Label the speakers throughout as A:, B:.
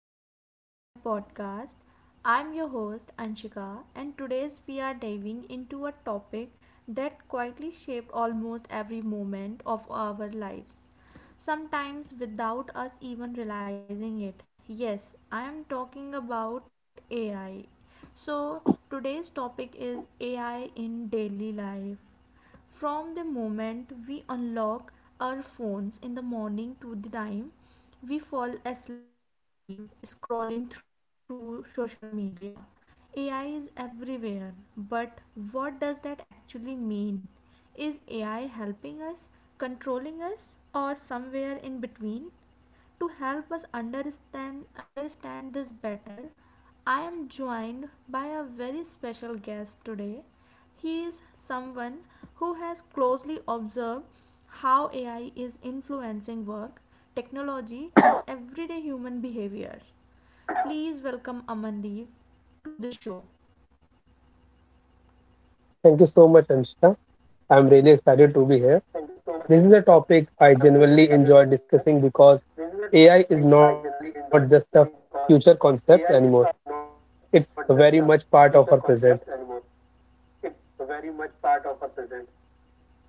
A: and welcome to my podcast. I'm your host, Anshika, and today's we are diving into a topic that quietly shaped almost every moment of our lives, sometimes without us even realizing it. Yes, I am talking about AI. So, today's topic is AI in daily life from the moment we unlock our phones in the morning to the time we fall asleep scrolling through social media. AI is everywhere, but what does that actually mean? Is AI helping us, controlling us, or somewhere in between? To help us understand this better, I am joined by a very special guest today. He is someone who has closely observed how AI is influencing work, technology, and everyday human behavior. Please welcome Amandeep to the show.
B: Thank you so much, Anshita. I'm really excited to be here. This is a topic I genuinely enjoy discussing because AI is not just a future concept anymore. It's very much part of our present.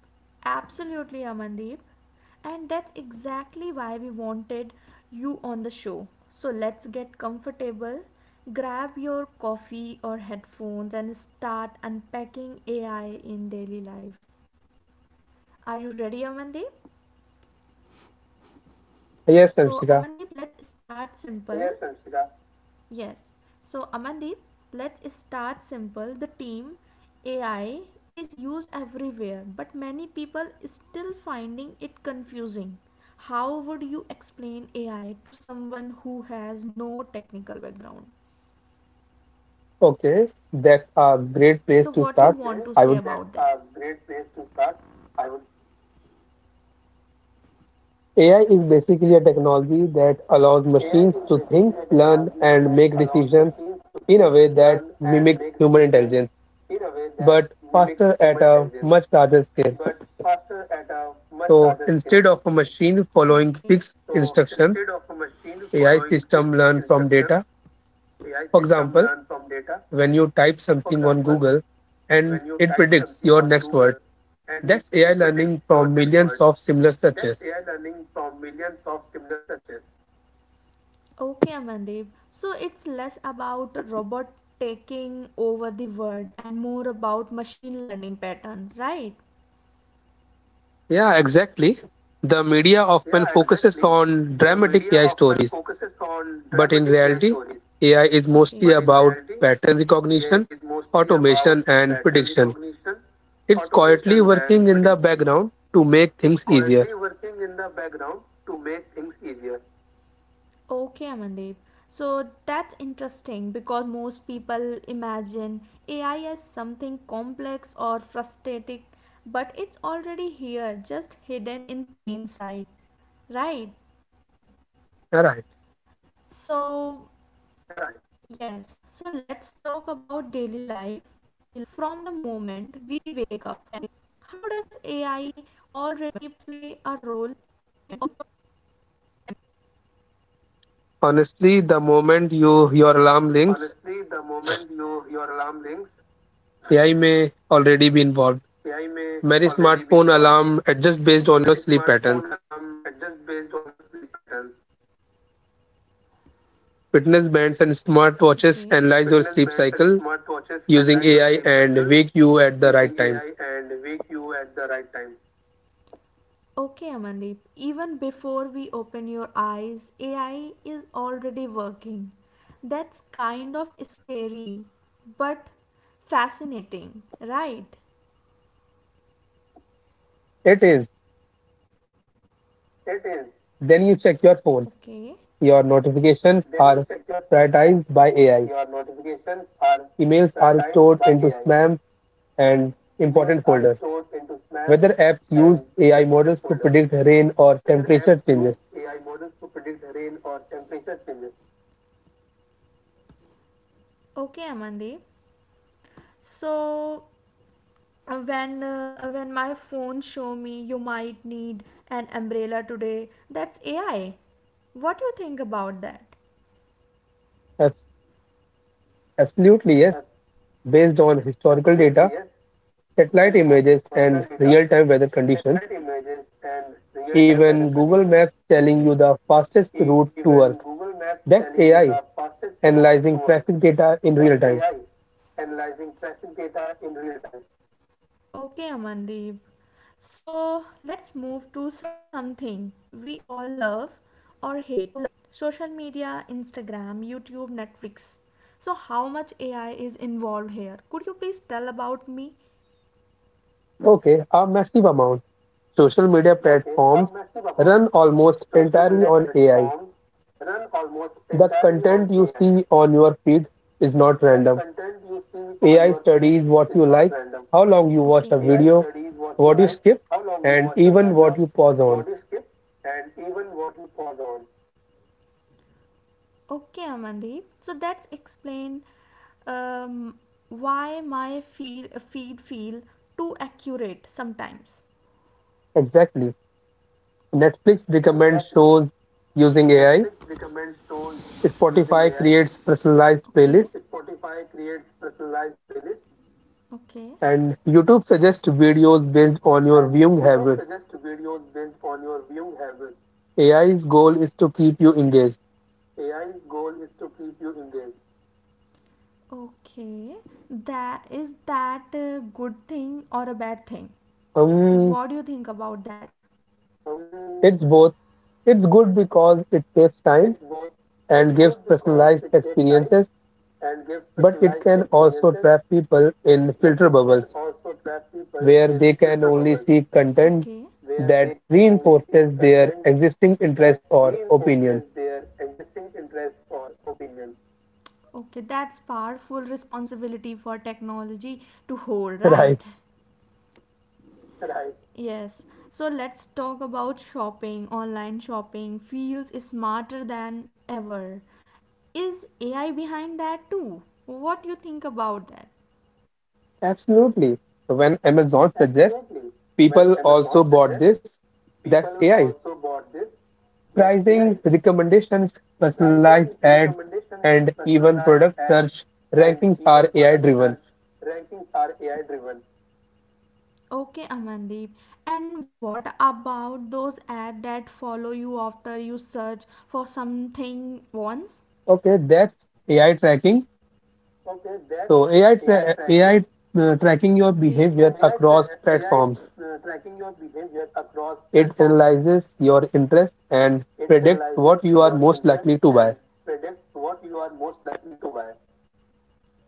A: Absolutely, Amandeep. And that's exactly why we wanted you on the show. So let's get comfortable, grab your coffee or headphones, and start unpacking AI in daily life. Are you ready, Amandeep?
B: Yes, Anshika.
A: So, Amandeep, let's start simple. Yes. So, Amandeep, let's start simple. The team AI is used everywhere, but many people still finding it confusing. How would you explain AI to someone who has no technical background?
B: Okay, that's a great place
A: So,
B: to
A: what
B: start.
A: you want
B: I
A: to say
B: would.
A: about that?
B: AI is basically a technology that allows machines to think, learn, and make decisions in a way that mimics human intelligence, but faster at a much larger scale. So instead of a machine following
A: Okay.
B: fixed instructions, AI system learn from data. For example, when you type something on Google and it predicts your next word, that's AI learning from millions of similar searches.
A: Okay, Amandeep. So it's less about robot taking over the world and more about machine learning patterns, right?
B: Yeah, exactly. The media often focuses on dramatic AI stories, but in reality, AI is mostly
A: Okay.
B: about pattern recognition, automation, and prediction. It's quietly working in the background to make things easier.
A: Okay, Amandeep. So that's interesting because most people imagine AI as something complex or frustrating, but it's already here, just hidden in plain sight. Right?
B: All right.
A: So, yes, so let's talk about daily life from the moment we wake up. How does AI already play a role?
B: Honestly, the moment your alarm links, AI may already be involved. Many smartphone alarm adjust based
A: Okay,
B: on your sleep patterns. Fitness bands and
A: okay.
B: smartwatches analyze your sleep cycle using AI and wake you at the right time.
A: Okay, Amandeep, even before we open your eyes, AI is already working. That's kind of scary, but fascinating, right?
B: It is. Then you check your phone. Your
A: Okay.
B: notifications are prioritized by AI. Emails are stored into spam and important folders. Weather apps use AI models to predict rain or temperature changes.
A: Okay, Amandeep. So, when my phone show me you might need an umbrella today, that's AI. What do you think about that?
B: Apps Absolutely, yes. Based on historical data, satellite images, and real-time weather conditions, even Google Maps telling you
A: Okay.
B: the fastest route to work. That's AI analyzing traffic data in real time.
A: Okay, Amandeep. So let's move to something we all love or hate social media, Instagram, YouTube, Netflix. So, how much AI is involved here? Could you please tell about me?
B: Okay, a massive amount. Social media platforms run almost entirely on AI. The content you see on your feed is not random. AI studies what you like, how long you
A: Okay.
B: watch a video, what you skip, and even what you pause on.
A: Okay, Amandeep. So, that's explain um, why my feed feel too accurate sometimes.
B: Exactly. Netflix recommends shows using AI, Spotify creates personalized playlists,
A: Okay. Okay.
B: and YouTube suggests videos based on your viewing habits. AI's goal is to keep you engaged.
A: Okay, that is that a good thing or a bad thing?
B: Um,
A: What do you think about that?
B: it's both. It's good because it saves time and gives personalized experiences, but it can also trap people in filter bubbles, where they can only seek content
A: Okay,
B: that reinforces their existing interest or opinions.
A: okay, that's powerful responsibility for technology to hold, right?
B: Right,
A: Yes. So let's talk about shopping. Online shopping feels smarter than ever. Is AI behind that too? What do you think about that?
B: absolutely. So when Amazon suggests people also bought this, that's AI. Pricing, recommendations, personalized ads, and even product search rankings are AI driven.
A: Okay, Amandeep. And what about those ads that follow you after you search for something once?
B: Okay, that's AI tracking. So AI
A: Okay.
B: tracking your behavior across platforms. It analyzes your interest and predicts what you are most likely to buy.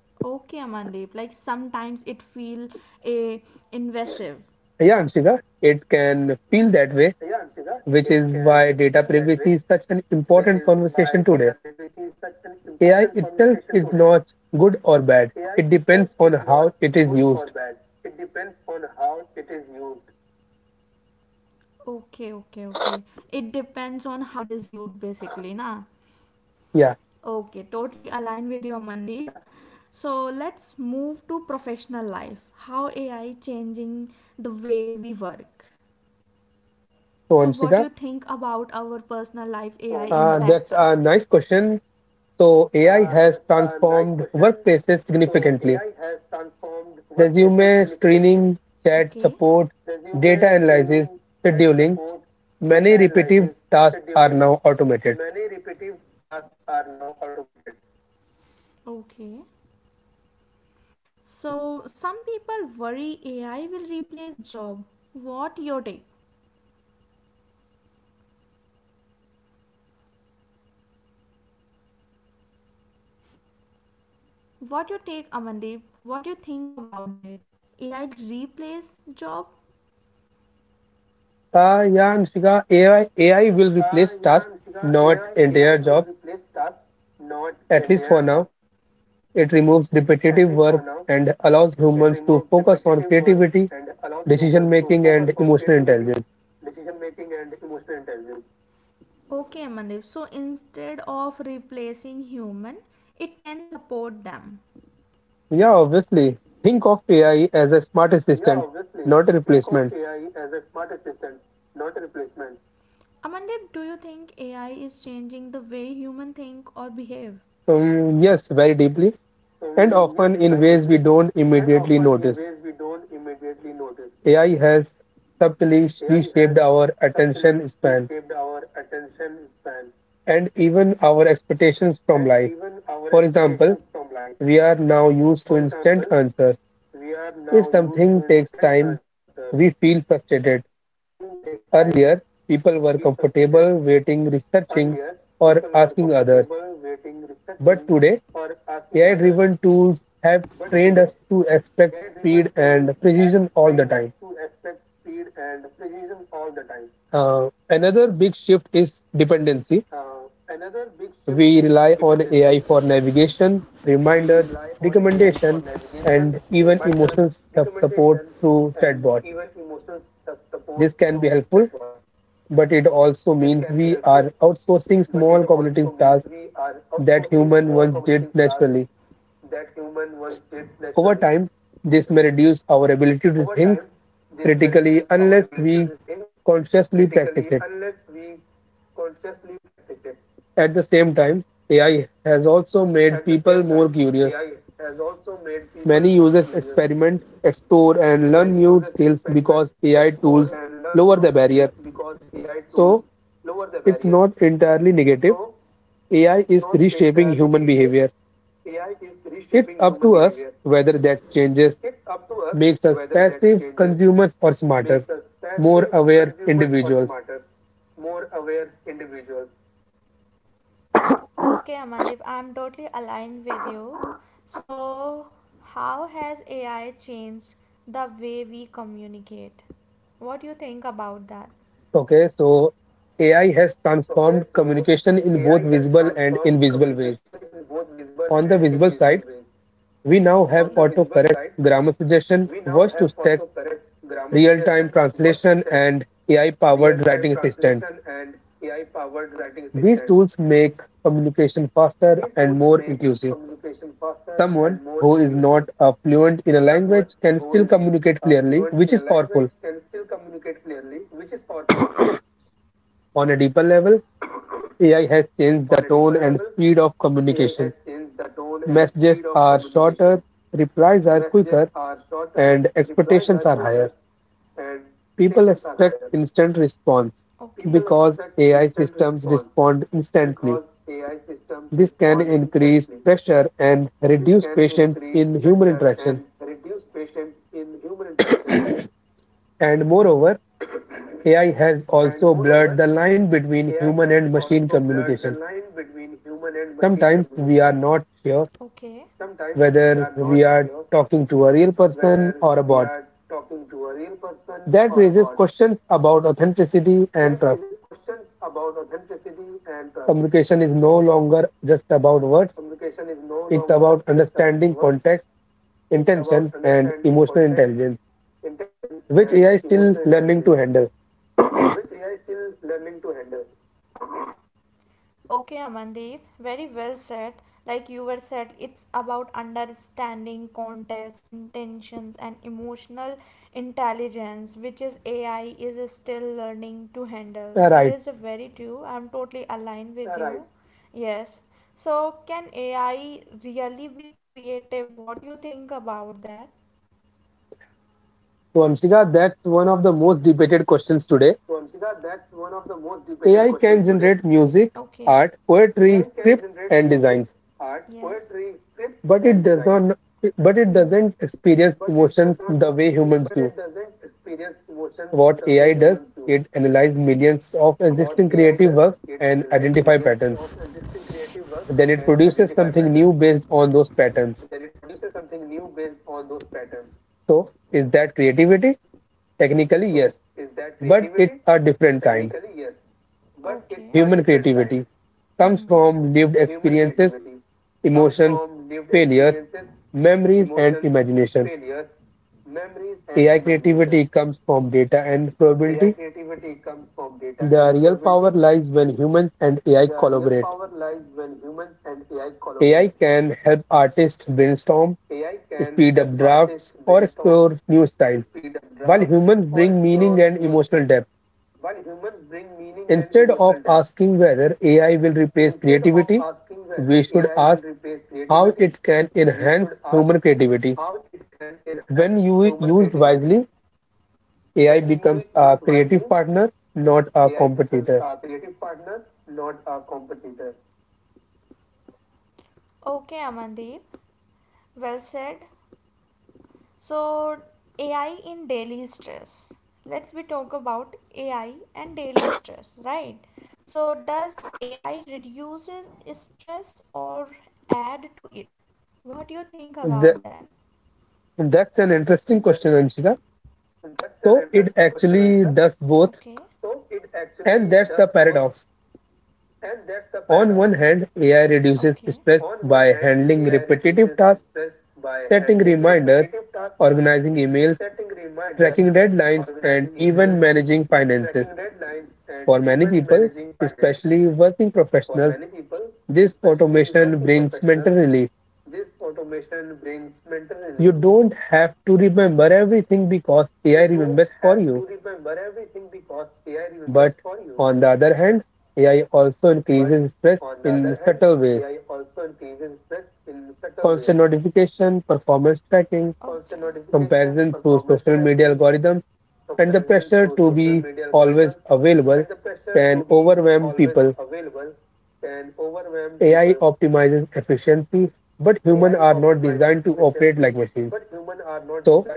A: Okay, Amandeep. Like sometimes it feel a invasive.
B: Yeah, Anshika, it can feel that way, which is why data privacy is such an important conversation today. AI itself is not good or bad. It depends on how it is used.
A: Okay, okay, okay. It depends on how it is viewed basically, na?
B: Yeah.
A: Okay, totally aligned with you, Amandeep. So let's move to professional life. How AI changing the way we work. So
B: So,
A: what you
B: Anshika,
A: think about our personal life AI impact
B: that's a
A: us?
B: nice question. So, AI has transformed workplaces significantly. Resume screening, chat
A: Okay.
B: support, data analysis, scheduling, many repetitive tasks are now automated.
A: Okay. So some people worry AI will replace job. What your take? What your take, Amandeep? What you think about that? AI replace job?
B: Yeah, Anshika, AI will replace tasks, not entire jobs, at least for now. It removes repetitive work and allows humans to focus on creativity, decision making, and emotional intelligence.
A: Okay, Amandeep. So instead of replacing human, it can support them.
B: Yeah, obviously. Think of AI as a smart assistant, not a replacement.
A: Amandeep, do you think AI is changing the way human think or behave?
B: Yes, very deeply, and often in ways we don't immediately notice. AI has subtly reshaped our attention span and even our expectations from life. For example, we are now used to instant answers. If something takes time, we feel frustrated. Earlier, people were comfortable waiting, researching, or asking others. But today, AI driven tools have trained us to expect speed and precision all the time. Another big shift is dependency. We rely on AI for navigation, reminders, recommendations, and even emotional support through chatbots. This can be helpful, but it also means we are outsourcing small cognitive tasks that human once did naturally. Over time, this may reduce our ability to think critically unless we consciously practice it. At the same time, AI has also made people more curious. Many users experiment, explore, and learn new skills because AI tools lower the barrier. So it's not entirely negative. AI is reshaping human behavior. It's up to us whether that changes makes us passive consumers or smarter, more aware individuals.
A: Okay, Amandeep, I'm totally aligned with you. So, how has AI changed the way we communicate? What do you think about that?
B: Okay, so AI has transformed communication in both visible and invisible ways. On the visible side, we now have autocorrect, grammar suggestion, voice to text real-time translation, and AI-powered writing assistants. These tools make communication faster and more inclusive. Someone who is not fluent in a language can still communicate clearly, which is powerful. On a deeper level, AI has changed the tone and speed of communication. Messages are shorter, replies are quicker, and expectations are higher. People expect instant response
A: Okay,
B: because AI systems respond instantly. This can increase pressure and reduce patience in human interaction. And moreover, AI has also blurred the line between human and machine communication. Sometimes we are not sure
A: okay,
B: whether we are talking to a real person or a bot. That raises questions about authenticity and trust. Communication is no longer just about words, it's about understanding context, intention, and emotional intelligence, which AI is still learning to handle.
A: okay, Amandeep, very well said. Like you were said, it's about understanding context, intentions, and emotional intelligence, which is AI is still learning to handle. It
B: Right.
A: is a very true. I'm totally aligned with. Yes. So, can AI really be creative? What do you think about that?
B: So Anshika, that's one of the most debated questions today. AI can generate music,
A: Okay.
B: art, poetry, scripts, and designs,
A: Yeah.
B: but it does not, but it
A: Hmm.
B: doesn't experience emotions the way humans do. What AI does, it analyzes millions of existing creative works and identify patterns. Then it produces something new based on those patterns. So is that creativity? Technically, yes, but it's a different kind. Human creativity comes
A: Hmm.
B: from lived experiences, emotions, failures, memories, and imagination. AI creativity comes from data and probability. The real power lies when humans and AI collaborate. AI can help artists brainstorm, speed up drafts, or explore new styles, while humans bring meaning and emotional depth. Instead of asking whether AI will replace creativity, we should ask how it can enhance human creativity. When you used wisely, AI becomes a creative partner, not a competitor.
A: Okay, Amandeep. Well said. So, AI in daily stress. Let's we talk about AI and daily stress, right? So, does AI reduces stress or add to it? What do you think
B: The,
A: about that?
B: that's an interesting question, Anshika. So it actually does both,
A: Okay.
B: and that's the paradox. On one hand, AI reduces stress
A: Okay.
B: by handling repetitive tasks, setting reminders, organizing emails, tracking deadlines, and even managing finances. For many people, especially working professionals, this automation brings mental relief. You don't have to remember everything because AI remembers for you. But on the other hand, AI also increases stress in subtle ways. Constant notification, performance tracking, comparison through social media algorithms, and the pressure to be always available can overwhelm people. AI optimizes efficiency, but humans are not designed to operate like machines. So,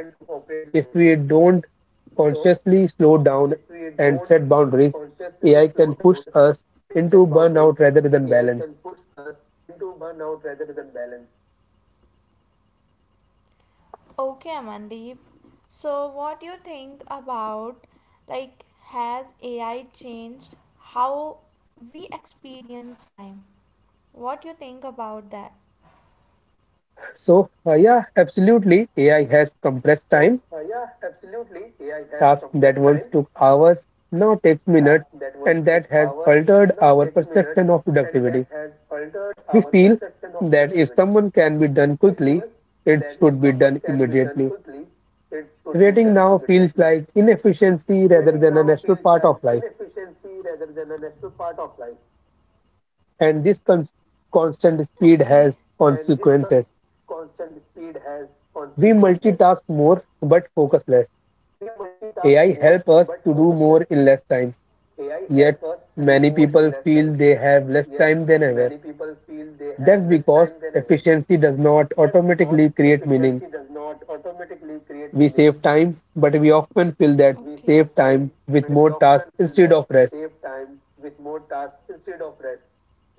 B: if we don't consciously slow down and set boundaries, AI can push us into burnout rather than balance.
A: Okay, Amandeep. So, what do you think about, like, has AI changed how we experience time? What do you think about that?
B: So, yeah, absolutely. AI has compressed time. Task that once took hours now takes minutes, and that has altered our perception of productivity. We feel that if someone can be done quickly, it should be done immediately. Waiting now feels like inefficiency rather than a natural part of life, and this constant speed has
A: Okay.
B: consequences. We multitask more but focus less. AI help us to do more in less time, yet many people feel they have less time than ever. That's because efficiency does not automatically create meaning. We save time, but we often fill that saved time with more tasks instead of rest.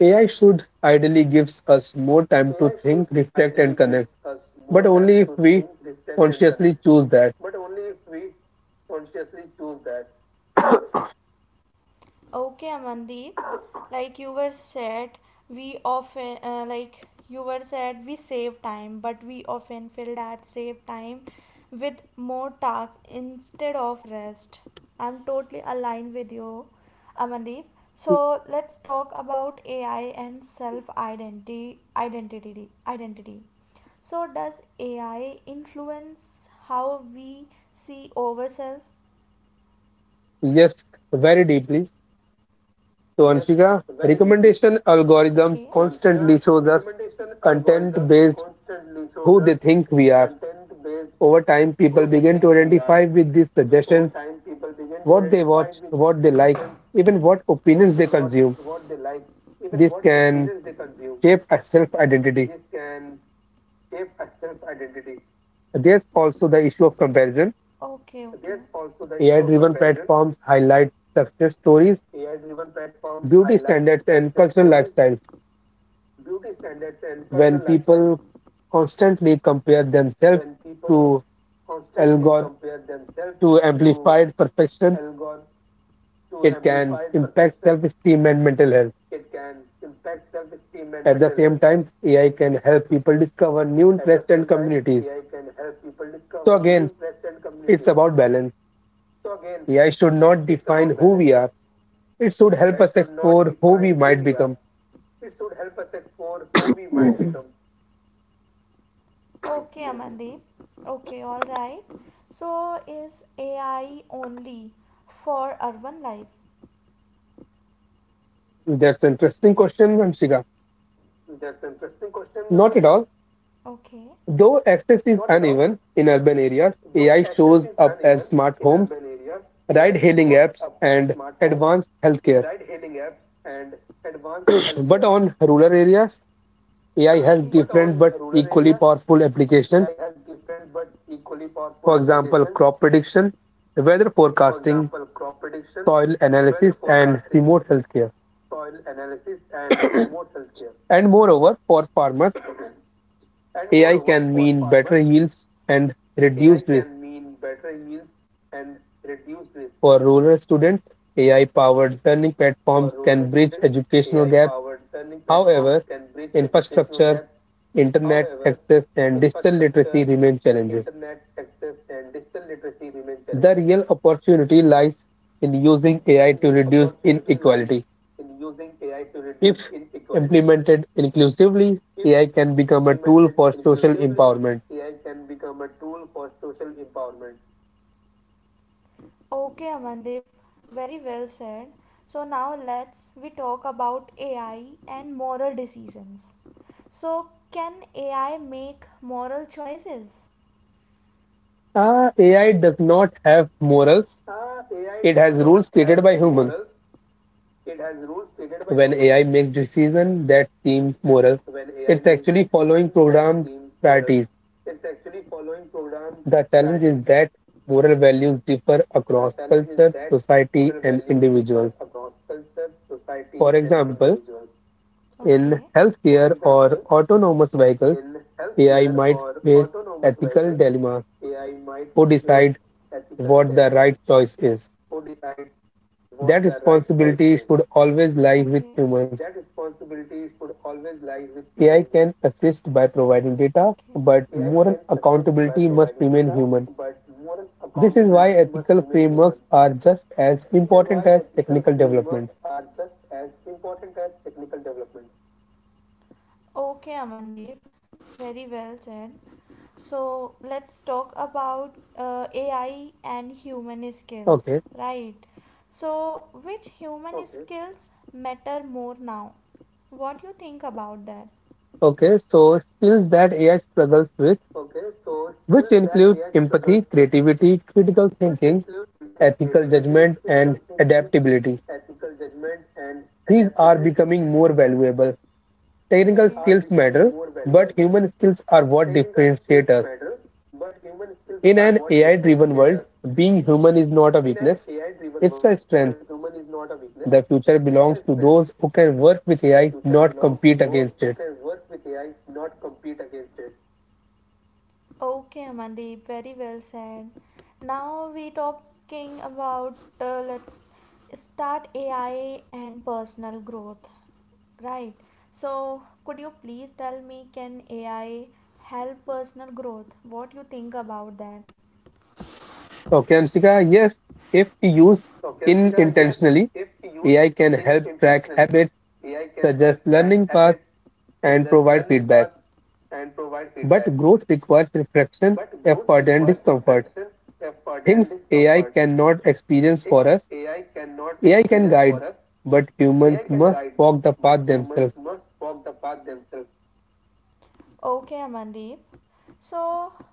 B: AI should ideally gives us more time to think, reflect, and connect, but only if we consciously choose that.
A: Okay, Amandeep. Like you were said, we often like you were said we save time, but we often fill that save time with more tasks instead of rest. I'm totally aligned with you, Amandeep. So let's talk about AI and self identity. So does AI influence how we see ourselves?
B: Yes, very deeply. So, Anshika, recommendation algorithms
A: Okay.
B: constantly shows us content based who they think we are. Over time, people begin to identify with these suggestions, what they watch, what they like, even what opinions they consume. This can shape a self identity. There's also the issue of comparison.
A: Okay.
B: AI-driven platforms highlight success stories, beauty standards, and cultural lifestyles. When people constantly compare themselves to algor to amplified perfection, it can impact self-esteem and mental health. At the same time, AI can help people discover new interests and communities. So again, it's about balance. AI should not define who we are. It should help us explore who we might become.
A: Okay, Amandeep. Okay, all right. So, is AI only for urban life?
B: That's an interesting question, Anshika. Not at all.
A: Okay.
B: Though access is uneven in urban areas, AI shows up as smart homes, ride-hailing apps, and advanced healthcare. But on rural areas, AI has
A: Yeah.
B: different but equally powerful applications. For example, crop prediction, weather forecasting, soil analysis, and remote healthcare. And moreover, for farmers, AI can mean better yields and reduced risk. For rural students, AI-powered learning platforms can bridge educational gaps. However, infrastructure, internet access, and digital literacy remain challenges. The real opportunity lies in using AI to reduce inequality. If implemented inclusively, AI can become a tool for social empowerment.
A: Okay, Amandeep. Very well said. So now let's we talk about AI and moral decisions. So, can AI make moral choices?
B: Ah, AI does not have morals, it has rules created by humans. When AI makes decisions that seem moral, it's actually following programmed priorities. The challenge is that moral values differ across cultures, society, and individuals. For example, in
A: Okay.
B: healthcare or autonomous vehicles, AI might face ethical dilemmas who decide what the right choice is. That responsibility should always lie
A: Okay.
B: with humans. AI can assist by providing data,
A: Okay.
B: but moral accountability must remain human. This is why ethical frameworks are just as important as technical development.
A: Okay, Amandeep. Very well said. So let's talk about AI and human skills,
B: Okay.
A: right? So which human skills matter more now? What do you think about that?
B: Okay, so skills that AI struggles with, which includes empathy, creativity, critical thinking, ethical judgment, and adaptability. These are becoming more valuable. Technical skills matter, but human skills are what differentiate us. In an AI-driven world, being human is not a weakness, it's a strength. The future belongs to those who can work with AI, not compete against it.
A: Okay, Amandeep, very well said. Now we talking about let's start AI and personal growth, right? So could you please tell me can AI help personal growth? What you think about that?
B: Okay, Anshika, yes, if used in intentionally, AI can help track habits, suggest learning paths, and provide feedback. But growth requires reflection, effort, and discomfort. Things AI cannot experience for us, AI can guide, but humans must walk the path themselves.
A: Okay, Amandeep.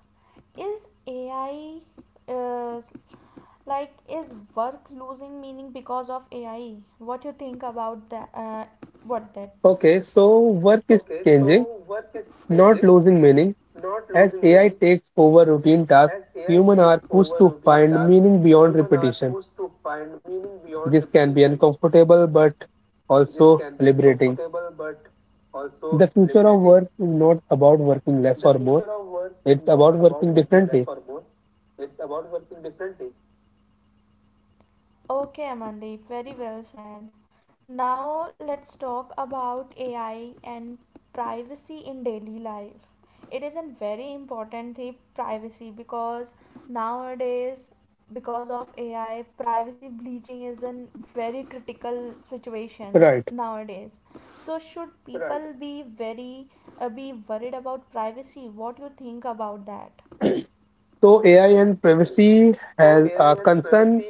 A: So, is AI uh, like is work losing meaning because of AI? What you think about that?
B: Okay,
A: What
B: so
A: that?
B: work is changing, not losing meaning. As AI takes over routine tasks, humans are pushed to find meaning beyond repetition. This can be uncomfortable but also liberating. The future of work is not about working less or more, it's about working differently.
A: Okay, Amandeep, very well said. Now let's talk about AI and privacy in daily life. It is a very important thing, privacy, because nowadays, because of AI, privacy bleaching is a very critical situation
B: Right.
A: nowadays. So, should people be very be worried about privacy? What you think about that?
B: So AI and privacy has a concern.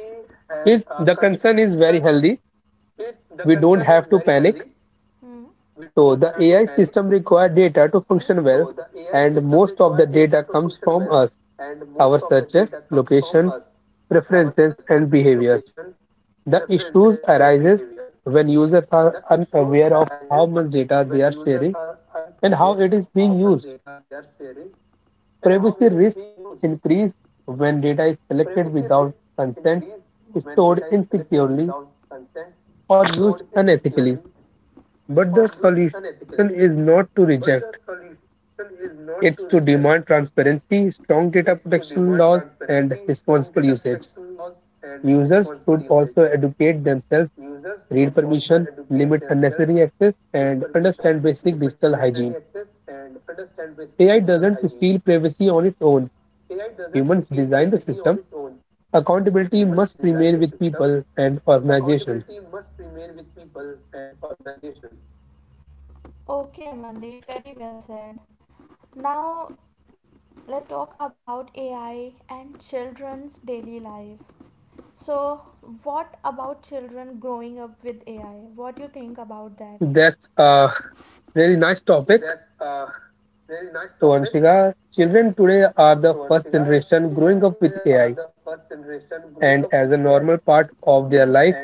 B: It the concern is very healthy. We don't have to panic.
A: Hmm.
B: So the AI system require
A: Okay.
B: data to function well, and most of the data comes from us, our searches, locations, preferences, and behaviors. The issues arises when users are unaware of how much data they are sharing and how it is being used. Privacy risks increase when data is collected without consent, stored insecurely, or used unethically. But the solution is not to reject, it's to demand transparency, strong data protection laws, and responsible usage. Users should also educate themselves read permission, limit unnecessary access, and understand basic digital hygiene. AI doesn't steal privacy on its own. Humans design the system. Accountability must remain with people and organizations.
A: Okay, Amandeep, very well said. Now, let's talk about AI and children's daily life. So, what about children growing up with AI? What do you think about that?
B: That's a really nice topic. So, Anshika, children today are the first generation growing up with AI, and as a normal part of their
A: Yes.
B: life,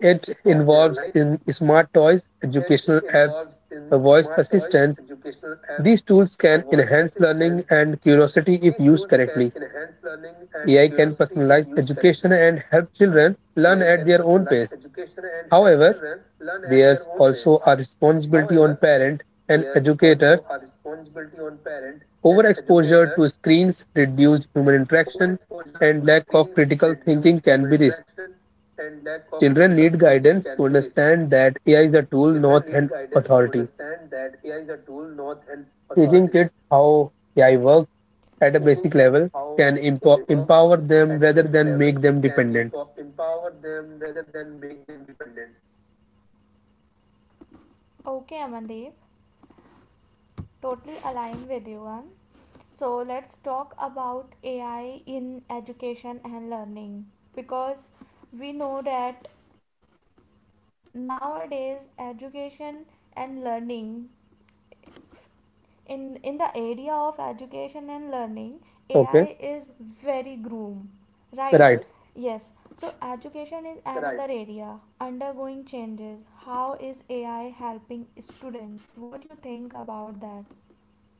B: it involves in smart toys, educational apps, voice assistants. These tools can enhance learning and curiosity if used correctly. AI can personalize education and help children learn at their own pace. However, there's also a responsibility on parents and educators. Overexposure to screens, reduced human interaction, and lack of critical thinking can be risk. Children need guidance to understand that AI is a tool, not an authority. Teaching kids how AI works at a basic level can empower them rather than make them dependent.
A: Okay, Amandeep. Totally aligned with you. So, let's talk about AI in education and learning because we know that nowadays education and learning in in the area of education and learning AI
B: Okay,
A: is very groom,
B: right.
A: right? Yes. So education is another area undergoing changes. How is AI helping students? What you think about that?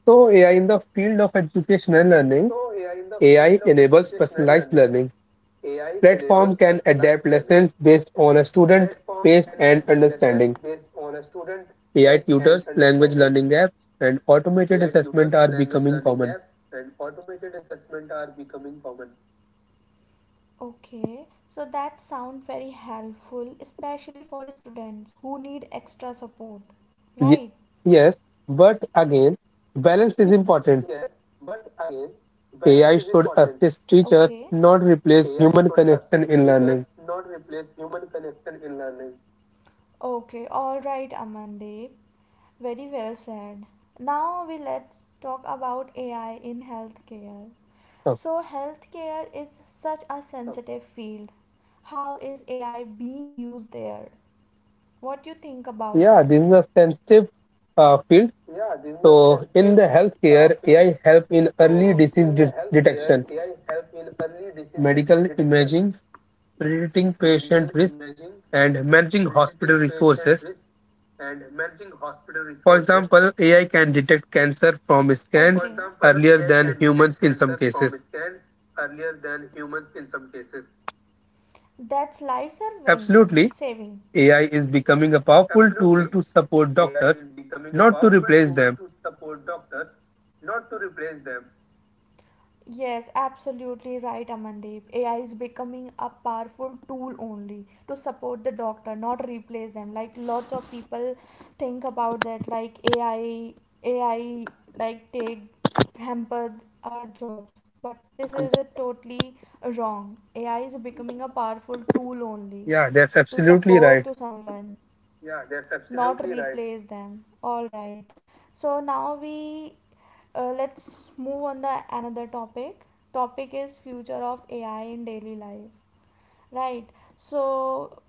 B: So, AI in the field of education and learning, AI enables personalized learning. Platform can adapt lessons based on a student pace and understanding. AI tutors, language learning apps, and automated assessment are becoming common.
A: Okay. So that sound very helpful, especially for students who need extra support, right?
B: Ye- yes, but again, balance is important. AI should assist teachers,
A: Okay,
B: not replace human connection in learning.
A: okay, all right, Amandeep. Very well said. Now we let's talk about AI in healthcare.
B: So,
A: So healthcare is such a sensitive field. How is AI being used there? What do you think about
B: yeah, this is
A: that?
B: a sensitive field. So, in the healthcare, AI help in early disease detection, medical imaging, predicting patient risk, and managing hospital resources. For example, AI can detect cancer from
A: Okay.
B: scans earlier than humans in some cases.
A: That's life serving
B: Absolutely,
A: saving.
B: AI is becoming a powerful tool to support doctors, not to replace them.
A: Yes, absolutely right, Amandeep. AI is becoming a powerful tool only to support the doctor, not replace them. Like lots of people think about that, like AI, like take hamper our jobs. But this is a totally wrong. AI is becoming a powerful tool only
B: Yeah, that's
A: to
B: absolutely
A: support
B: right.
A: to someone. Not replace them. All right. So now we let's move on the another topic. Topic is future of AI in daily life. Right. So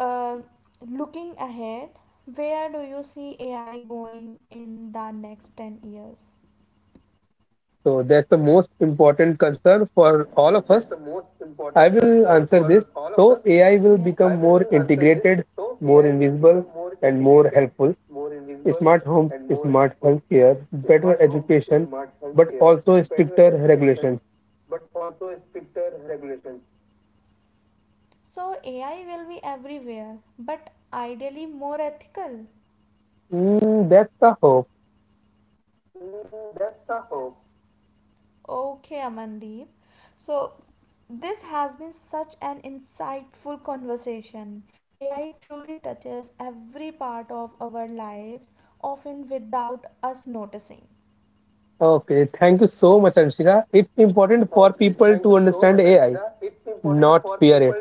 A: uh, looking ahead, where do you see AI going in the next 10 years?
B: So that's the most important concern for all of us. I will answer this. So AI will become
A: Yes.
B: more integrated, more invisible, and more helpful. Smart homes, smart healthcare, better education, but also stricter regulations.
A: So AI will be everywhere, but ideally more ethical.
B: Mm, that's a hope.
A: Okay, Amandeep. So, this has been such an insightful conversation. AI truly touches every part of our lives, often without us noticing.
B: Okay, thank you so much, Anshika. It's important for people to understand AI, not fear it.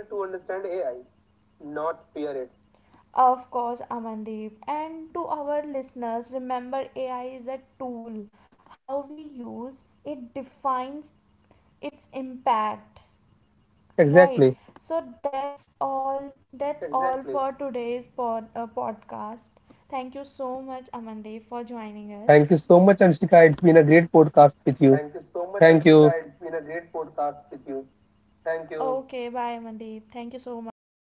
A: Of course, Amandeep. And to our listeners, remember AI is a tool. How we use it defines its impact. Right.
B: Exactly.
A: So that's all. That's all for today's podcast. Thank you so much, Amandeep, for
B: Thank
A: joining
B: you so
A: us.
B: much, Anshika. It's been a great podcast with you. Thank you.
A: Okay, bye, Amandeep. Thank you so much.